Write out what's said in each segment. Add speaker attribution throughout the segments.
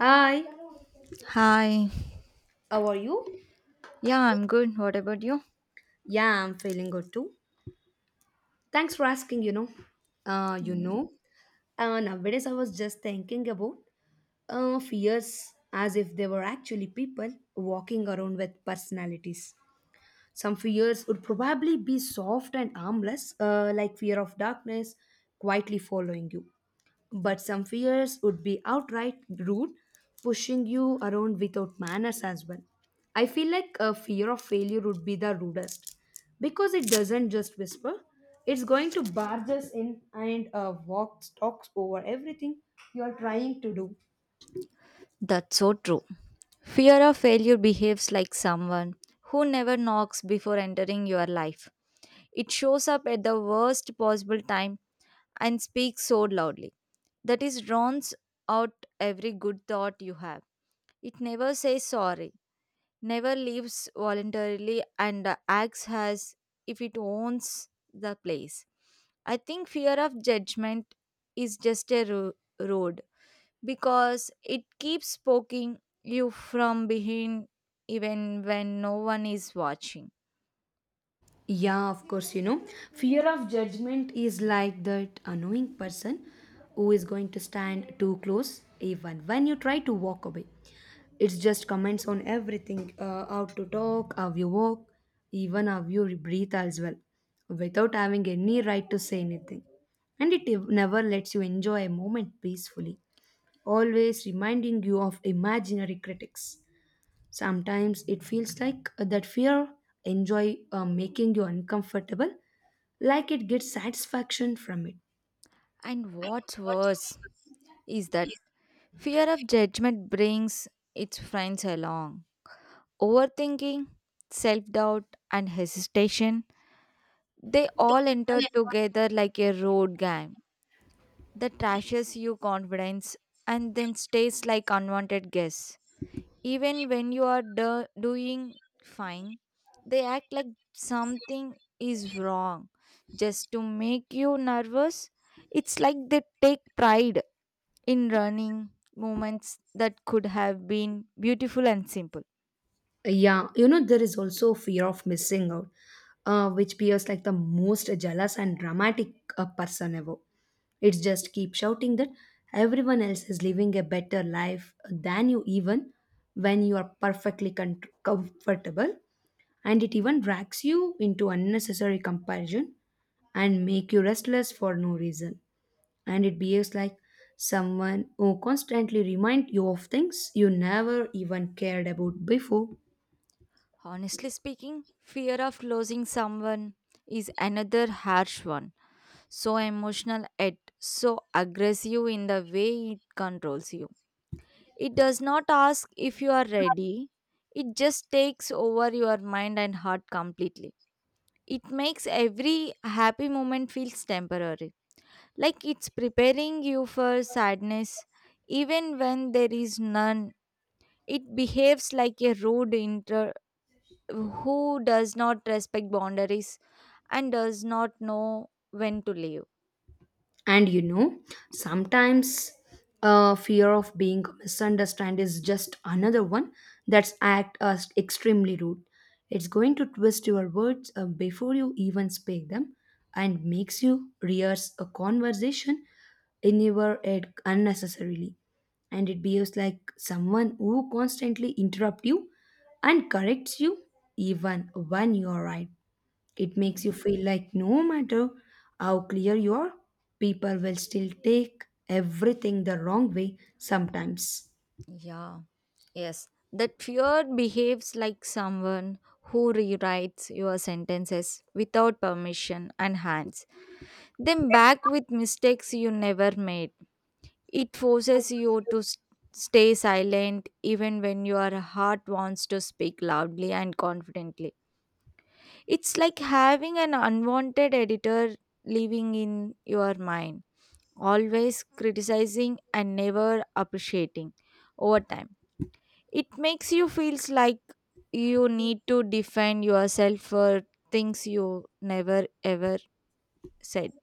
Speaker 1: Hi,
Speaker 2: Hi.
Speaker 1: how are you?
Speaker 2: Yeah, I'm good. What about you?
Speaker 1: Yeah, I'm feeling good too. Thanks for asking, Uh, you
Speaker 2: Yeah.
Speaker 1: know, nowadays I was just thinking about fears as if they were actually people walking around with personalities. Some fears would probably be soft and harmless, like fear of darkness quietly following you. But some fears would be outright rude, pushing you around without manners as well. I feel like a fear of failure would be the rudest because it doesn't just whisper, it's going to barge us in and talks over everything you're trying to do.
Speaker 2: That's so true. Fear of failure behaves like someone who never knocks before entering your life. It shows up at the worst possible time and speaks so loudly that it drowns out every good thought you have. It never says sorry, never leaves voluntarily, and acts as if it owns the place. I think fear of judgment is just a road because it keeps poking you from behind even when no one is watching.
Speaker 1: Yeah, of course, fear of judgment is like that annoying person who is going to stand too close even when you try to walk away. It's just comments on everything, how to talk, how you walk, even how you breathe as well, without having any right to say anything. And it never lets you enjoy a moment peacefully, always reminding you of imaginary critics. Sometimes it feels like, that fear enjoy making you uncomfortable, like it gets satisfaction from it.
Speaker 2: And what's worse is that fear of judgment brings its friends along. Overthinking, self doubt, and hesitation they all enter together like a road gang that trashes your confidence and then stays like unwanted guests. Even when you are doing fine, they act like something is wrong just to make you nervous. It's like they take pride in running moments that could have been beautiful and simple.
Speaker 1: Yeah, there is also fear of missing out, which appears like the most jealous and dramatic, person ever. It's just keep shouting that everyone else is living a better life than you, even when you are perfectly comfortable. And it even drags you into unnecessary comparison and make you restless for no reason. And it behaves like someone who constantly reminds you of things you never even cared about before.
Speaker 2: Honestly speaking, fear of losing someone is another harsh one. So emotional yet so aggressive in the way it controls you. It does not ask if you are ready, it just takes over your mind and heart completely. It makes every happy moment feels temporary, like it's preparing you for sadness, even when there is none. It behaves like a rude inter who does not respect boundaries and does not know when to leave.
Speaker 1: And sometimes fear of being misunderstood is just another one that's act as extremely rude. It's going to twist your words before you even speak them and makes you rehearse a conversation in your head unnecessarily. And it behaves like someone who constantly interrupts you and corrects you even when you are right. It makes you
Speaker 2: Mm,
Speaker 1: feel like no matter how clear you are, people will still take everything the wrong way sometimes.
Speaker 2: Yeah. Yes, that fear behaves like someone who rewrites your sentences without permission and hands them back with mistakes you never made. It forces you to stay silent even when your heart wants to speak loudly and confidently. It's like having an unwanted editor living in your mind, always criticizing and never appreciating over time it makes you feels like you need to defend yourself for things you never ever said.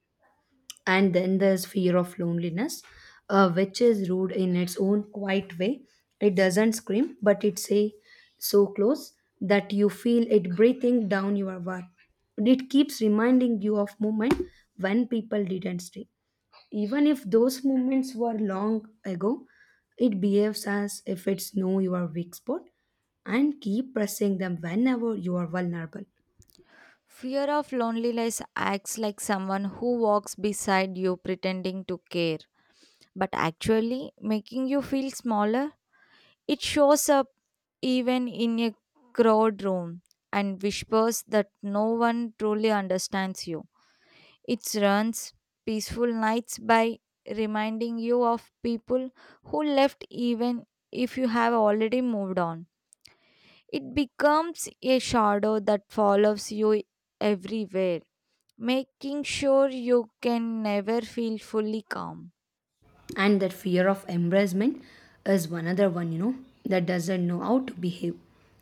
Speaker 1: And then there's fear of loneliness, which is rude in its own quiet way. It doesn't scream, but it's a so close that you feel it breathing down your heart. It keeps reminding you of moment when people didn't stay. Even if those moments were long ago, it behaves as if it's know your weak spot and keep pressing them whenever you are vulnerable.
Speaker 2: Fear of loneliness acts like someone who walks beside you pretending to care, but actually making you feel smaller. It shows up even in a crowd room and whispers that no one truly understands you. It runs peaceful nights by reminding you of people who left even if you have already moved on. It becomes a shadow that follows you everywhere, making sure you can never feel fully calm.
Speaker 1: And that fear of embarrassment is one other one, that doesn't know how to behave.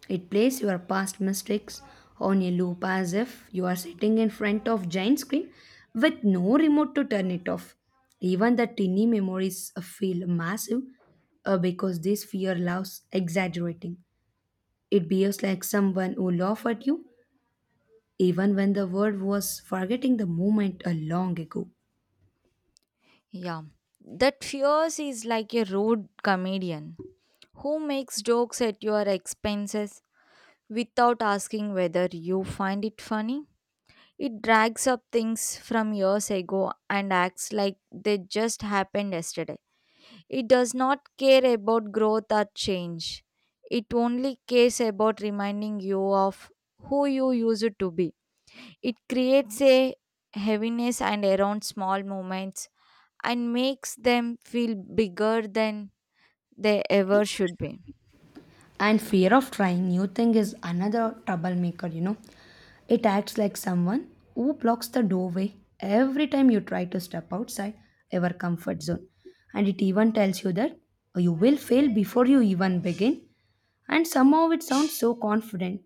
Speaker 1: It plays your past mistakes on a loop as if you are sitting in front of giant screen with no remote to turn it off. Even the tiny memories feel massive because this fear loves exaggerating. It behaves like someone who laughed at you, even when the world was forgetting the moment a long ago.
Speaker 2: Yeah. That fears is like a rude comedian who makes jokes at your expenses without asking whether you find it funny. It drags up things from years ago and acts like they just happened yesterday. It does not care about growth or change. It only cares about reminding you of who you used to be. It creates a heaviness and around small moments and makes them feel bigger than they ever should be.
Speaker 1: And fear of trying new thing is another troublemaker, It acts like someone who blocks the doorway every time you try to step outside your comfort zone. And it even tells you that you will fail before you even begin. And somehow it sounds so confident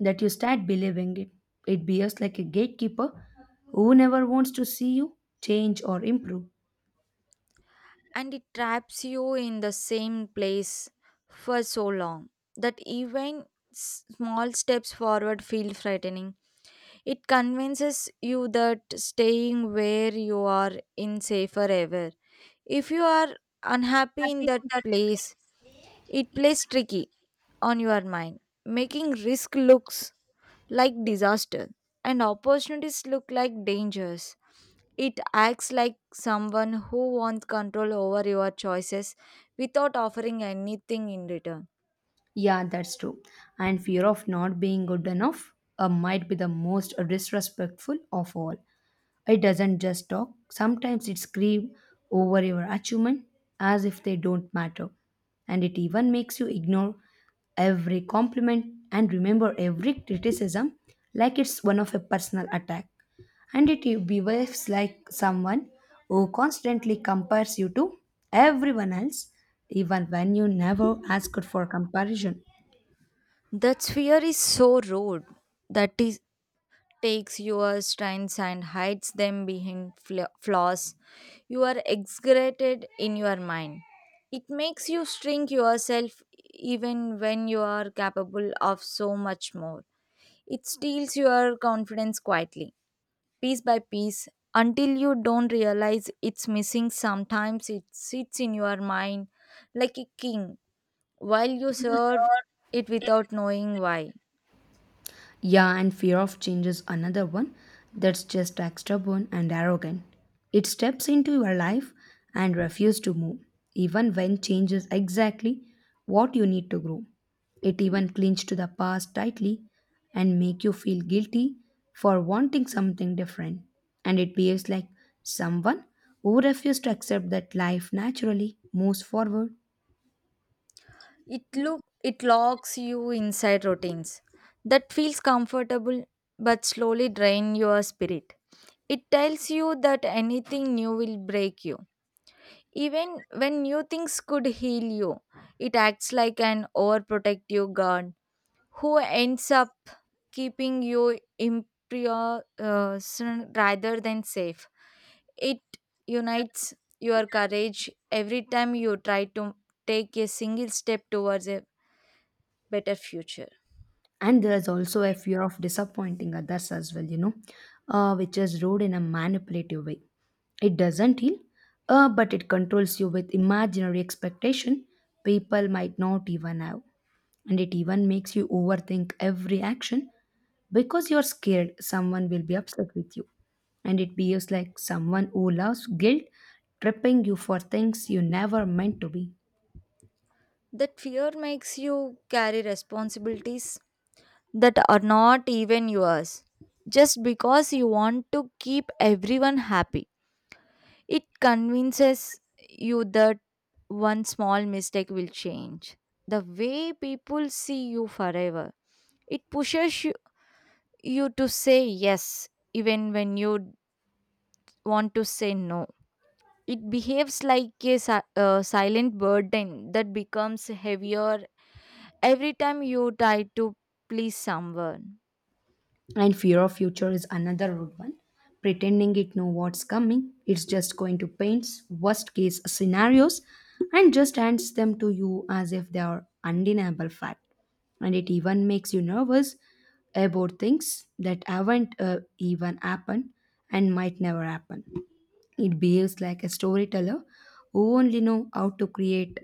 Speaker 1: that you start believing it. It behaves like a gatekeeper who never wants to see you change or improve.
Speaker 2: And it traps you in the same place for so long that even small steps forward feel frightening. It convinces you that staying where you are in safer ever. If you are unhappy in that place, it plays tricky on your mind, making risk looks like disaster and opportunities look like dangers. It acts like someone who wants control over your choices without offering anything in return.
Speaker 1: Yeah, that's true. And fear of not being good enough might be the most disrespectful of all. It doesn't just talk, sometimes it screams over your achievement as if they don't matter. And it even makes you ignore every compliment and remember every criticism like it's one of a personal attack. And it behaves like someone who constantly compares you to everyone else, even when you never asked for comparison.
Speaker 2: That sphere is so rude that it takes your strengths and hides them behind flaws you are exaggerated in your mind. It makes you shrink yourself even when you are capable of so much more. It steals your confidence quietly, piece by piece until you don't realize it's missing. Sometimes it sits in your mind like a king while you serve it without knowing why.
Speaker 1: Yeah, and fear of change is another one that's just stubborn and arrogant. It steps into your life and refuses to move, even when change is exactly what you need to grow. It even clings to the past tightly and make you feel guilty for wanting something different. And it behaves like someone who refuses to accept that life naturally moves forward.
Speaker 2: It locks you inside routines that feels comfortable but slowly drain your spirit. It tells you that anything new will break you. Even when new things could heal you, it acts like an overprotective guard who ends up keeping you imprisoned rather than safe. It unites your courage every time you try to take a single step towards a better future.
Speaker 1: And there's also a fear of disappointing others as well, which is ruled in a manipulative way. It doesn't heal, but it controls you with imaginary expectation people might not even have. And it even makes you overthink every action because you're scared someone will be upset with you. And it behaves like someone who loves guilt tripping you for things you never meant to be.
Speaker 2: That fear makes you carry responsibilities that are not even yours just because you want to keep everyone happy. It convinces you that one small mistake will change the way people see you forever. It pushes you to say yes even when you want to say no. It behaves like a silent burden that becomes heavier every time you try to please someone.
Speaker 1: And fear of future is another rude one. Pretending it know what's coming, it's just going to paint worst case scenarios and just hands them to you as if they are undeniable fact. And it even makes you nervous about things that haven't, even happened and might never happen. It behaves like a storyteller who only know how to create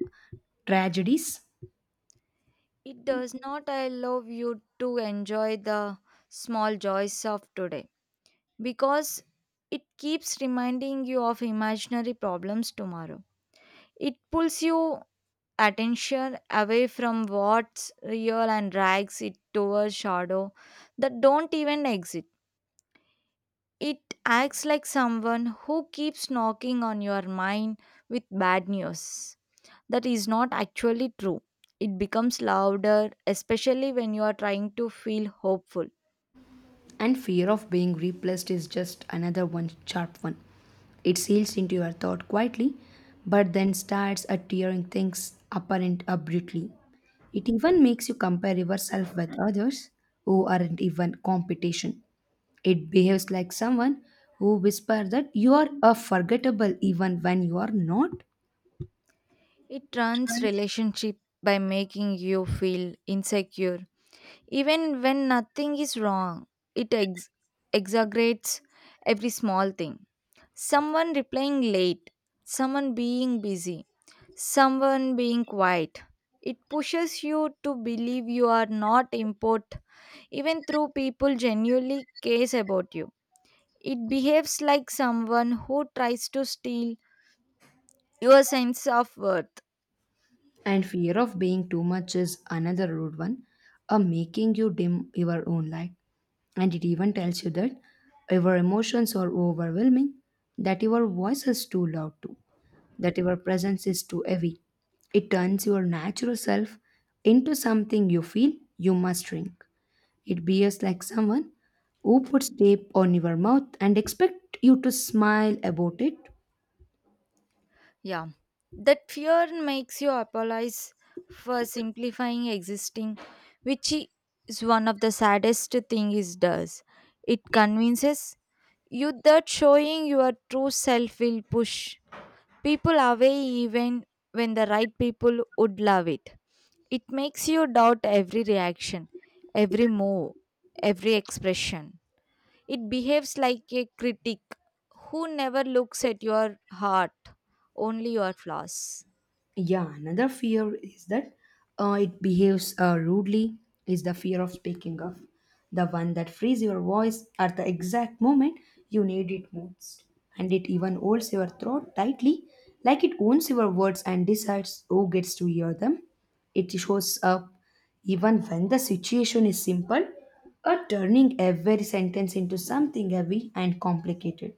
Speaker 1: tragedies.
Speaker 2: It does not allow you to enjoy the small joys of today because it keeps reminding you of imaginary problems tomorrow. It pulls you attention away from what's real and drags it towards shadow that don't even exist. It acts like someone who keeps knocking on your mind with bad news that is not actually true. It becomes louder, especially when you are trying to feel hopeful.
Speaker 1: And fear of being replaced is just another one sharp one. It seals into your thought quietly, but then starts at tearing things apparent abruptly. It even makes you compare yourself with others who aren't even competition. It behaves like someone who whispers that you are a forgettable even when you are not.
Speaker 2: It runs relationship by making you feel insecure. Even when nothing is wrong, it exaggerates every small thing. Someone replying late, someone being busy, someone being quiet. It pushes you to believe you are not important, even though people genuinely cares about you. It behaves like someone who tries to steal your sense of worth.
Speaker 1: And fear of being too much is another rude one, a making you dim your own light. And it even tells you that your emotions are overwhelming, that your voice is too loud too, that your presence is too heavy. It turns your natural self into something you feel you must shrink. It behaves like someone who puts tape on your mouth and expect you to smile about it.
Speaker 2: Yeah, that fear makes you apologize for simplifying existing, which is one of the saddest thing it does. It convinces you that showing your true self will push people away even when the right people would love it. It makes you doubt every reaction, every move, every expression. It behaves like a critic who never looks at your heart, only your flaws.
Speaker 1: Yeah, another fear is that, it behaves rudely, is the fear of speaking up, the one that frees your voice at the exact moment you need it most. And it even holds your throat tightly, like it owns your words and decides who gets to hear them. It shows up even when the situation is simple, or turning every sentence into something heavy and complicated.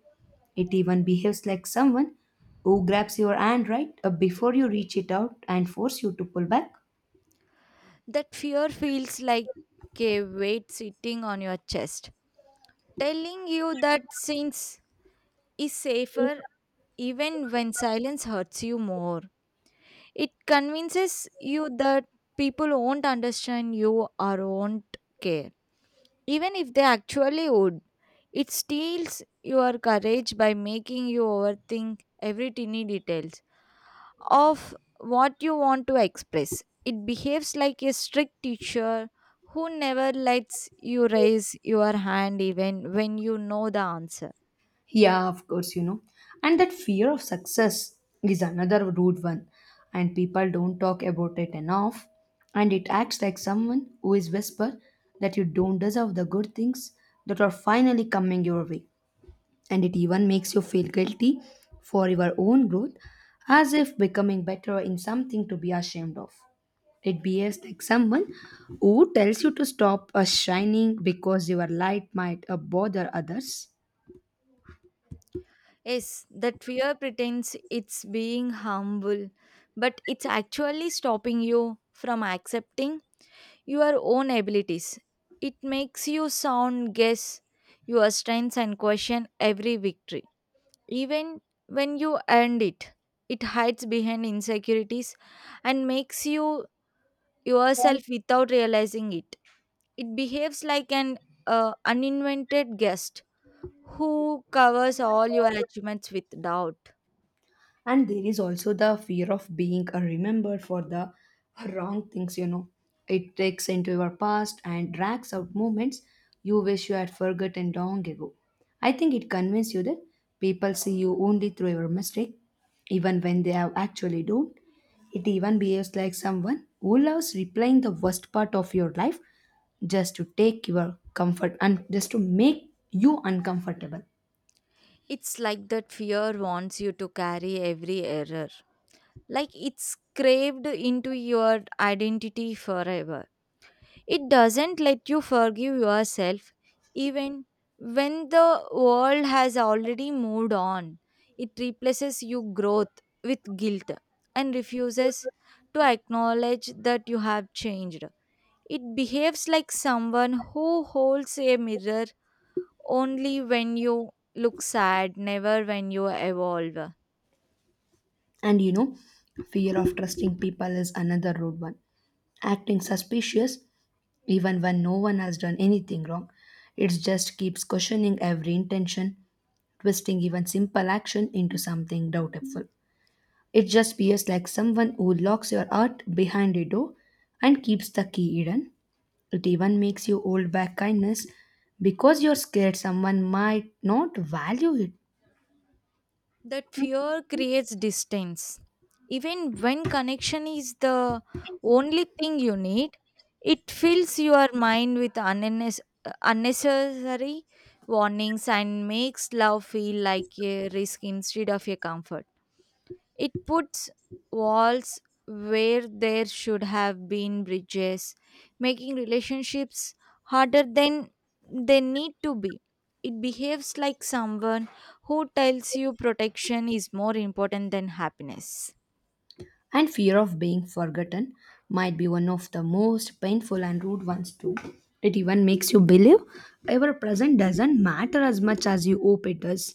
Speaker 1: It even behaves like someone who grabs your hand right before you reach it out and force you to pull back.
Speaker 2: That fear feels like a weight sitting on your chest, telling you that silence is safer even when silence hurts you more. It convinces you that people won't understand you or won't care, even if they actually would. It steals your courage by making you overthink every tiny detail of what you want to express. It behaves like a strict teacher who never lets you raise your hand even when you know the answer.
Speaker 1: Yeah, of course, and that fear of success is another rude one, and people don't talk about it enough. And it acts like someone who is whisper that you don't deserve the good things that are finally coming your way. And it even makes you feel guilty for your own growth, as if becoming better in something to be ashamed of. It behaves like someone who tells you to stop shining because your light might bother others.
Speaker 2: Yes, that fear pretends it's being humble, but it's actually stopping you from accepting your own abilities. It makes you sound guess your strengths and question every victory. Even when you earned it, it hides behind insecurities and makes you yourself without realizing it. It behaves like an uninvited guest who covers all your achievements with doubt.
Speaker 1: And there is also the fear of being, remembered for the wrong things, it takes into your past and drags out moments you wish you had forgotten long ago. I think it convinces you that people see you only through your mistake, even when they have actually don't. It even behaves like someone who loves replaying the worst part of your life, just to take your comfort and just to make you uncomfortable.
Speaker 2: It's like that fear wants you to carry every error, like it's craved into your identity forever. It doesn't let you forgive yourself even when the world has already moved on. It replaces your growth with guilt and refuses to acknowledge that you have changed. It behaves like someone who holds a mirror only when you look sad, never when you evolve.
Speaker 1: And fear of trusting people is another rude one. Acting suspicious, even when no one has done anything wrong, it just keeps questioning every intention, twisting even simple action into something doubtful. It just appears like someone who locks your heart behind a door and keeps the key hidden. It even makes you hold back kindness because you're scared someone might not value it.
Speaker 2: That fear creates distance. Even when connection is the only thing you need, it fills your mind with unnecessary warnings and makes love feel like a risk instead of a comfort. It puts walls where there should have been bridges, making relationships harder than they need to be. It behaves like someone who tells you protection is more important than happiness.
Speaker 1: And fear of being forgotten might be one of the most painful and rude ones too. It even makes you believe your present doesn't matter as much as you hope it does.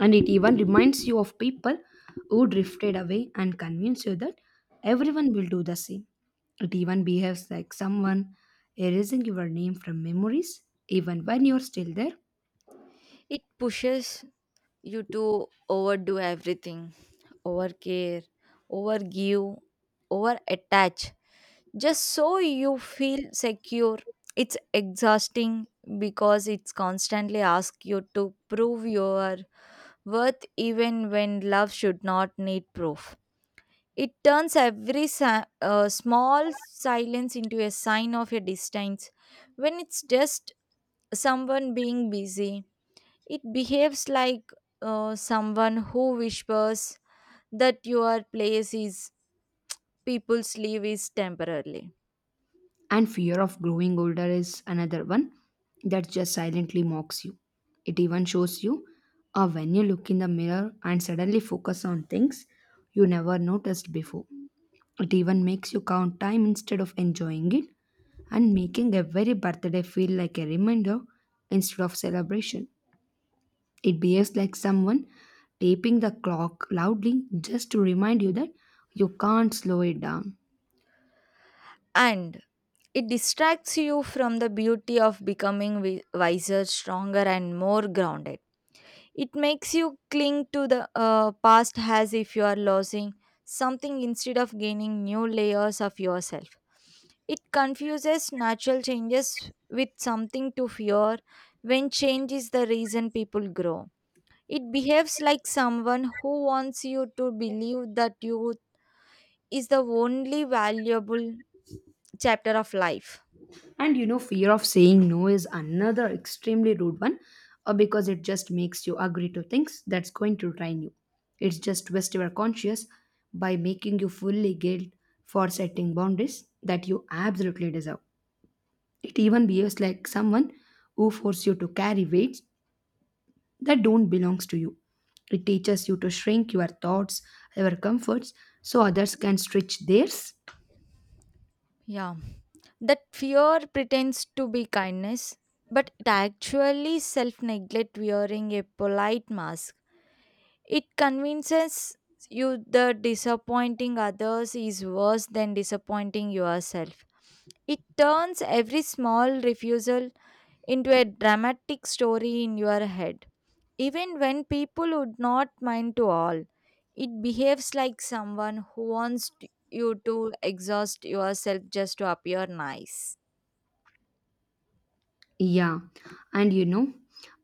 Speaker 1: And it even reminds you of people who drifted away and convince you that everyone will do the same. It even behaves like someone erasing your name from memories even when you're still there.
Speaker 2: It pushes you to overdo everything, overcare, overgive, overattach, just so you feel secure. It's exhausting because it's constantly asks you to prove your worth even when love should not need proof. It turns every small silence into a sign of a distance. When it's just someone being busy, it behaves like someone who whispers that your place is people's leave is temporarily.
Speaker 1: And fear of growing older is another one that just silently mocks you. It even shows you when you look in the mirror and suddenly focus on things you never noticed before. It even makes you count time instead of enjoying it and making every birthday feel like a reminder instead of celebration. It behaves like someone taping the clock loudly just to remind you that you can't slow it down.
Speaker 2: And it distracts you from the beauty of becoming wiser, stronger and more grounded. It makes you cling to the past as if you are losing something instead of gaining new layers of yourself. It confuses natural changes with something to fear when change is the reason people grow. It behaves like someone who wants you to believe that youth is the only valuable chapter of life.
Speaker 1: And fear of saying no is another extremely rude one because it just makes you agree to things that's going to drain you. It's just twist your conscious by making you fully guilt for setting boundaries that you absolutely deserve. It even behaves like someone who forces you to carry weights that don't belong to you. It teaches you to shrink your thoughts, your comforts, so others can stretch theirs.
Speaker 2: Yeah, that fear pretends to be kindness, but it actually self neglect wearing a polite mask. It convinces you that disappointing others is worse than disappointing yourself. It turns every small refusal into a dramatic story in your head. Even when people would not mind to all, it behaves like someone who wants you to exhaust yourself just to appear nice.
Speaker 1: Yeah, and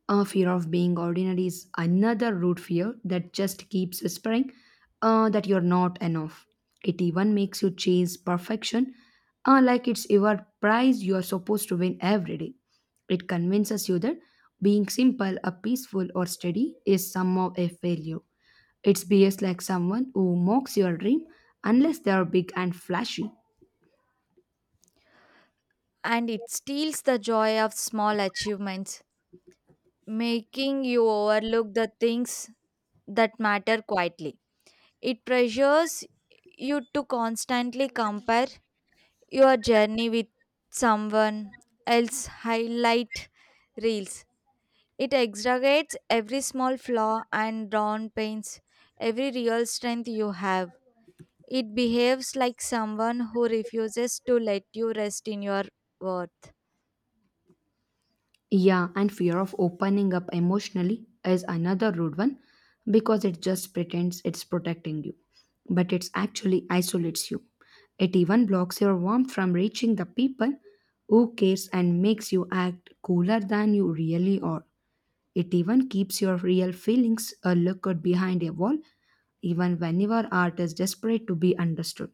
Speaker 1: a fear of being ordinary is another root fear that just keeps whispering that you're not enough. It even makes you chase perfection, like it's your prize you are supposed to win every day. It convinces you that being simple, a peaceful, or steady is somehow a failure. It behaves like someone who mocks your dream unless they are big and flashy.
Speaker 2: And it steals the joy of small achievements, making you overlook the things that matter quietly. It pressures you to constantly compare your journey with someone else's highlight reels. It exaggerates every small flaw and drawn pains, every real strength you have. It behaves like someone who refuses to let you rest in your worth.
Speaker 1: Yeah, and fear of opening up emotionally is another rude one because it just pretends it's protecting you, but it actually isolates you. It even blocks your warmth from reaching the people who cares and makes you act cooler than you really are. It even keeps your real feelings a lookout behind a wall, even whenever art is desperate to be understood.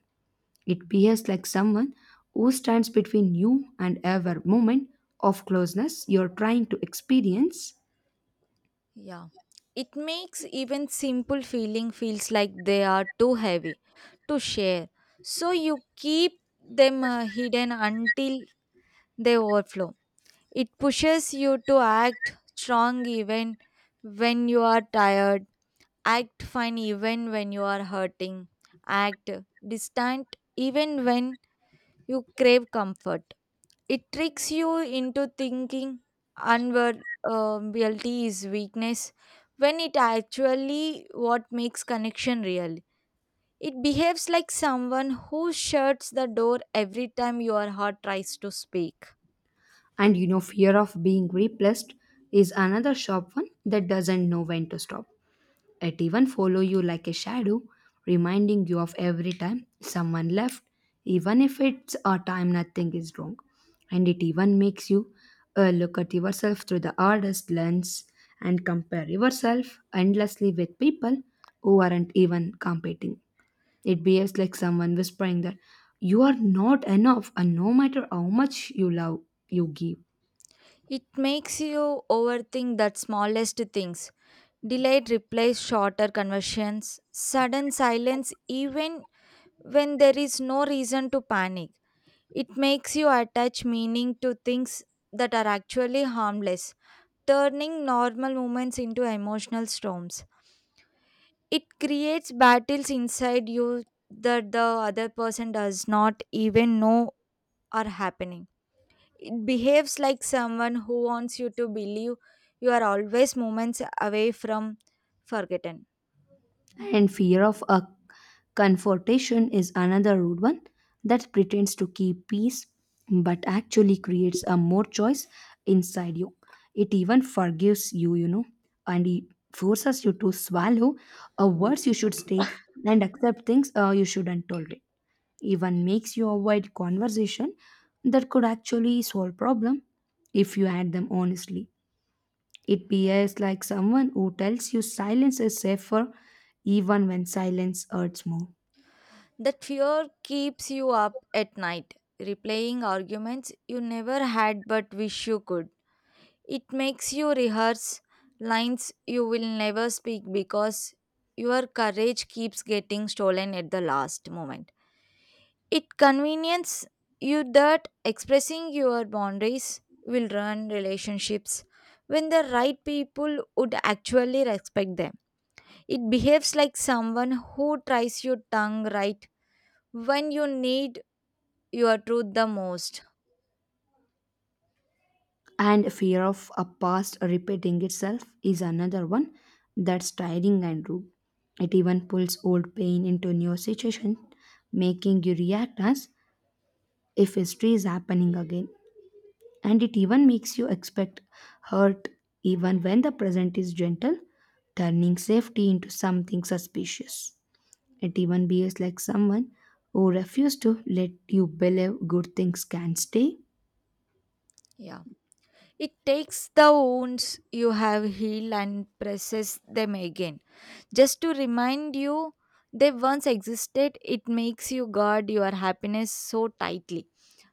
Speaker 1: It behaves like someone who stands between you and ever moment of closeness you're trying to experience.
Speaker 2: Yeah. It makes even simple feeling feels like they are too heavy to share. So you keep them hidden until they overflow. It pushes you to act strong even when you are tired, act fine even when you are hurting, act distant even when you crave comfort. It tricks you into thinking unwar- um, is weakness when it actually what makes connection real. It behaves like someone who shuts the door every time your heart tries to speak.
Speaker 1: And fear of being replaced is another sharp one that doesn't know when to stop. It even follow you like a shadow, reminding you of every time someone left, even if it's a time nothing is wrong. And it even makes you look at yourself through the hardest lens and compare yourself endlessly with people who aren't even competing. It behaves like someone whispering that you are not enough, and no matter how much you love, you give.
Speaker 2: It makes you overthink that smallest things. Delayed replies, shorter conversations, sudden silence, even when there is no reason to panic. It makes you attach meaning to things that are actually harmless, turning normal moments into emotional storms. It creates battles inside you that the other person does not even know are happening. It behaves like someone who wants you to believe you are always moments away from forgotten.
Speaker 1: And fear of a confrontation is another rude one that pretends to keep peace but actually creates a more choice inside you. It even forgives you, and it forces you to swallow a words you should stay and accept things you shouldn't tolerate. Even makes you avoid conversation that could actually solve problem if you had them honestly. It behaves like someone who tells you silence is safer even when silence hurts more.
Speaker 2: That fear keeps you up at night, replaying arguments you never had but wish you could. It makes you rehearse lines you will never speak because your courage keeps getting stolen at the last moment. It conveniences you that expressing your boundaries will ruin relationships when the right people would actually respect them. It behaves like someone who tries your tongue right when you need your truth the most.
Speaker 1: And fear of a past repeating itself is another one that's tiring and rude. It even pulls old pain into new situation, making you react as if history is happening again. And it even makes you expect hurt even when the present is gentle, turning safety into something suspicious. It even behaves like someone who refuses to let you believe good things can stay.
Speaker 2: Yeah. It takes the wounds you have healed and presses them again. Just to remind you they once existed, it makes you guard your happiness so tightly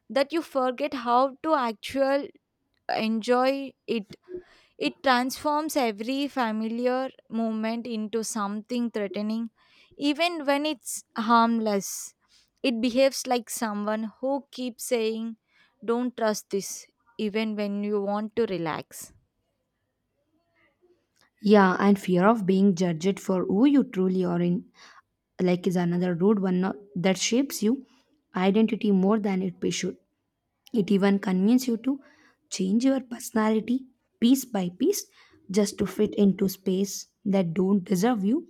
Speaker 2: that you forget how to actually enjoy it. It transforms every familiar moment into something threatening, even when it's harmless. It behaves like someone who keeps saying, "Don't trust this," even when you want to relax.
Speaker 1: Yeah, and fear of being judged for who you truly are in, like, is another rude one that shapes you identity more than it be should. It even convinces you to change your personality piece by piece just to fit into space that don't deserve you.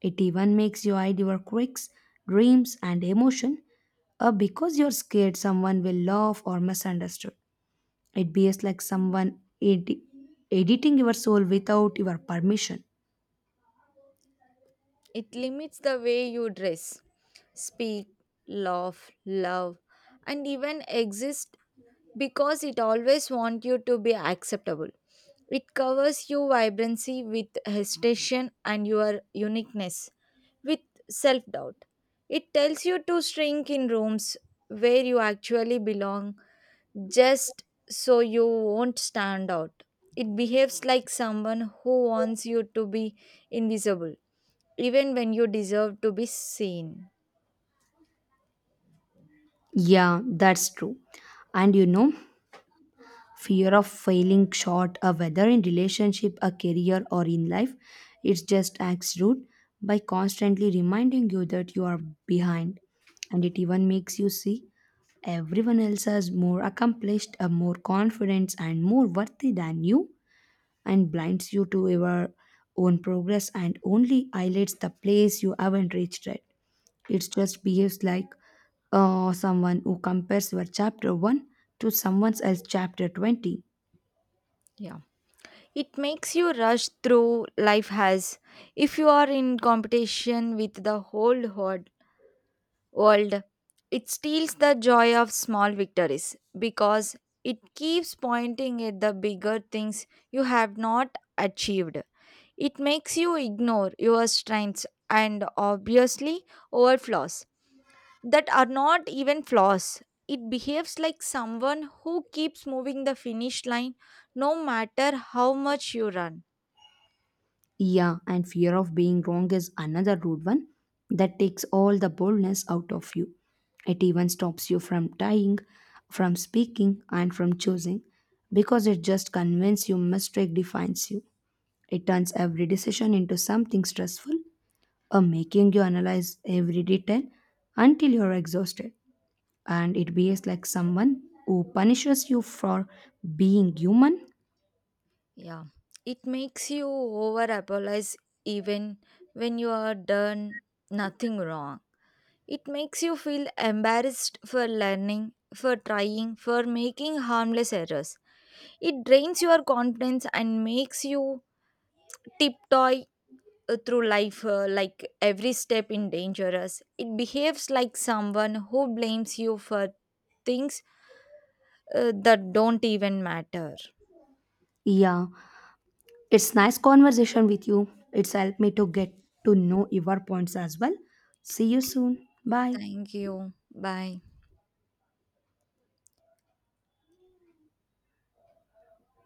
Speaker 1: It even makes you hide your quirks, dreams, and emotion because you're scared someone will laugh or misunderstood. It behaves like someone editing your soul without your permission.
Speaker 2: It limits the way you dress, speak, laugh, love, and even exist because it always wants you to be acceptable. It covers your vibrancy with hesitation and your uniqueness with self doubt. It tells you to shrink in rooms where you actually belong just so you won't stand out. It behaves like someone who wants you to be invisible even when you deserve to be seen.
Speaker 1: Yeah, that's true. And fear of failing short, whether in relationship, a career, or in life, it's just acts rude by constantly reminding you that you are behind. And it even makes you see everyone else as more accomplished, more confident, and more worthy than you. And blinds you to your own progress and only highlights the place you haven't reached yet. It just behaves like someone who compares your chapter 1 to someone else's chapter 20.
Speaker 2: Yeah. It makes you rush through life as if you are in competition with the whole world. It steals the joy of small victories because it keeps pointing at the bigger things you have not achieved. It makes you ignore your strengths and obviously overflows that are not even flaws. It behaves like someone who keeps moving the finish line no matter how much you run.
Speaker 1: Yeah, and fear of being wrong is another rude one that takes all the boldness out of you. It even stops you from dying, from speaking, and from choosing because it just convinces you mistake defines you. It turns every decision into something stressful, or making you analyze every detail until you're exhausted, and it behaves like someone who punishes you for being human.
Speaker 2: Yeah, it makes you over apologize even when you are done nothing wrong. It makes you feel embarrassed for learning, for trying, for making harmless errors. It drains your confidence and makes you tiptoe through life like every step in dangerous. It behaves like someone who blames you for things that don't even matter.
Speaker 1: Yeah, it's nice conversation with you. It's helped me to get to know your points as well. See you soon, bye.
Speaker 2: Thank you. Bye.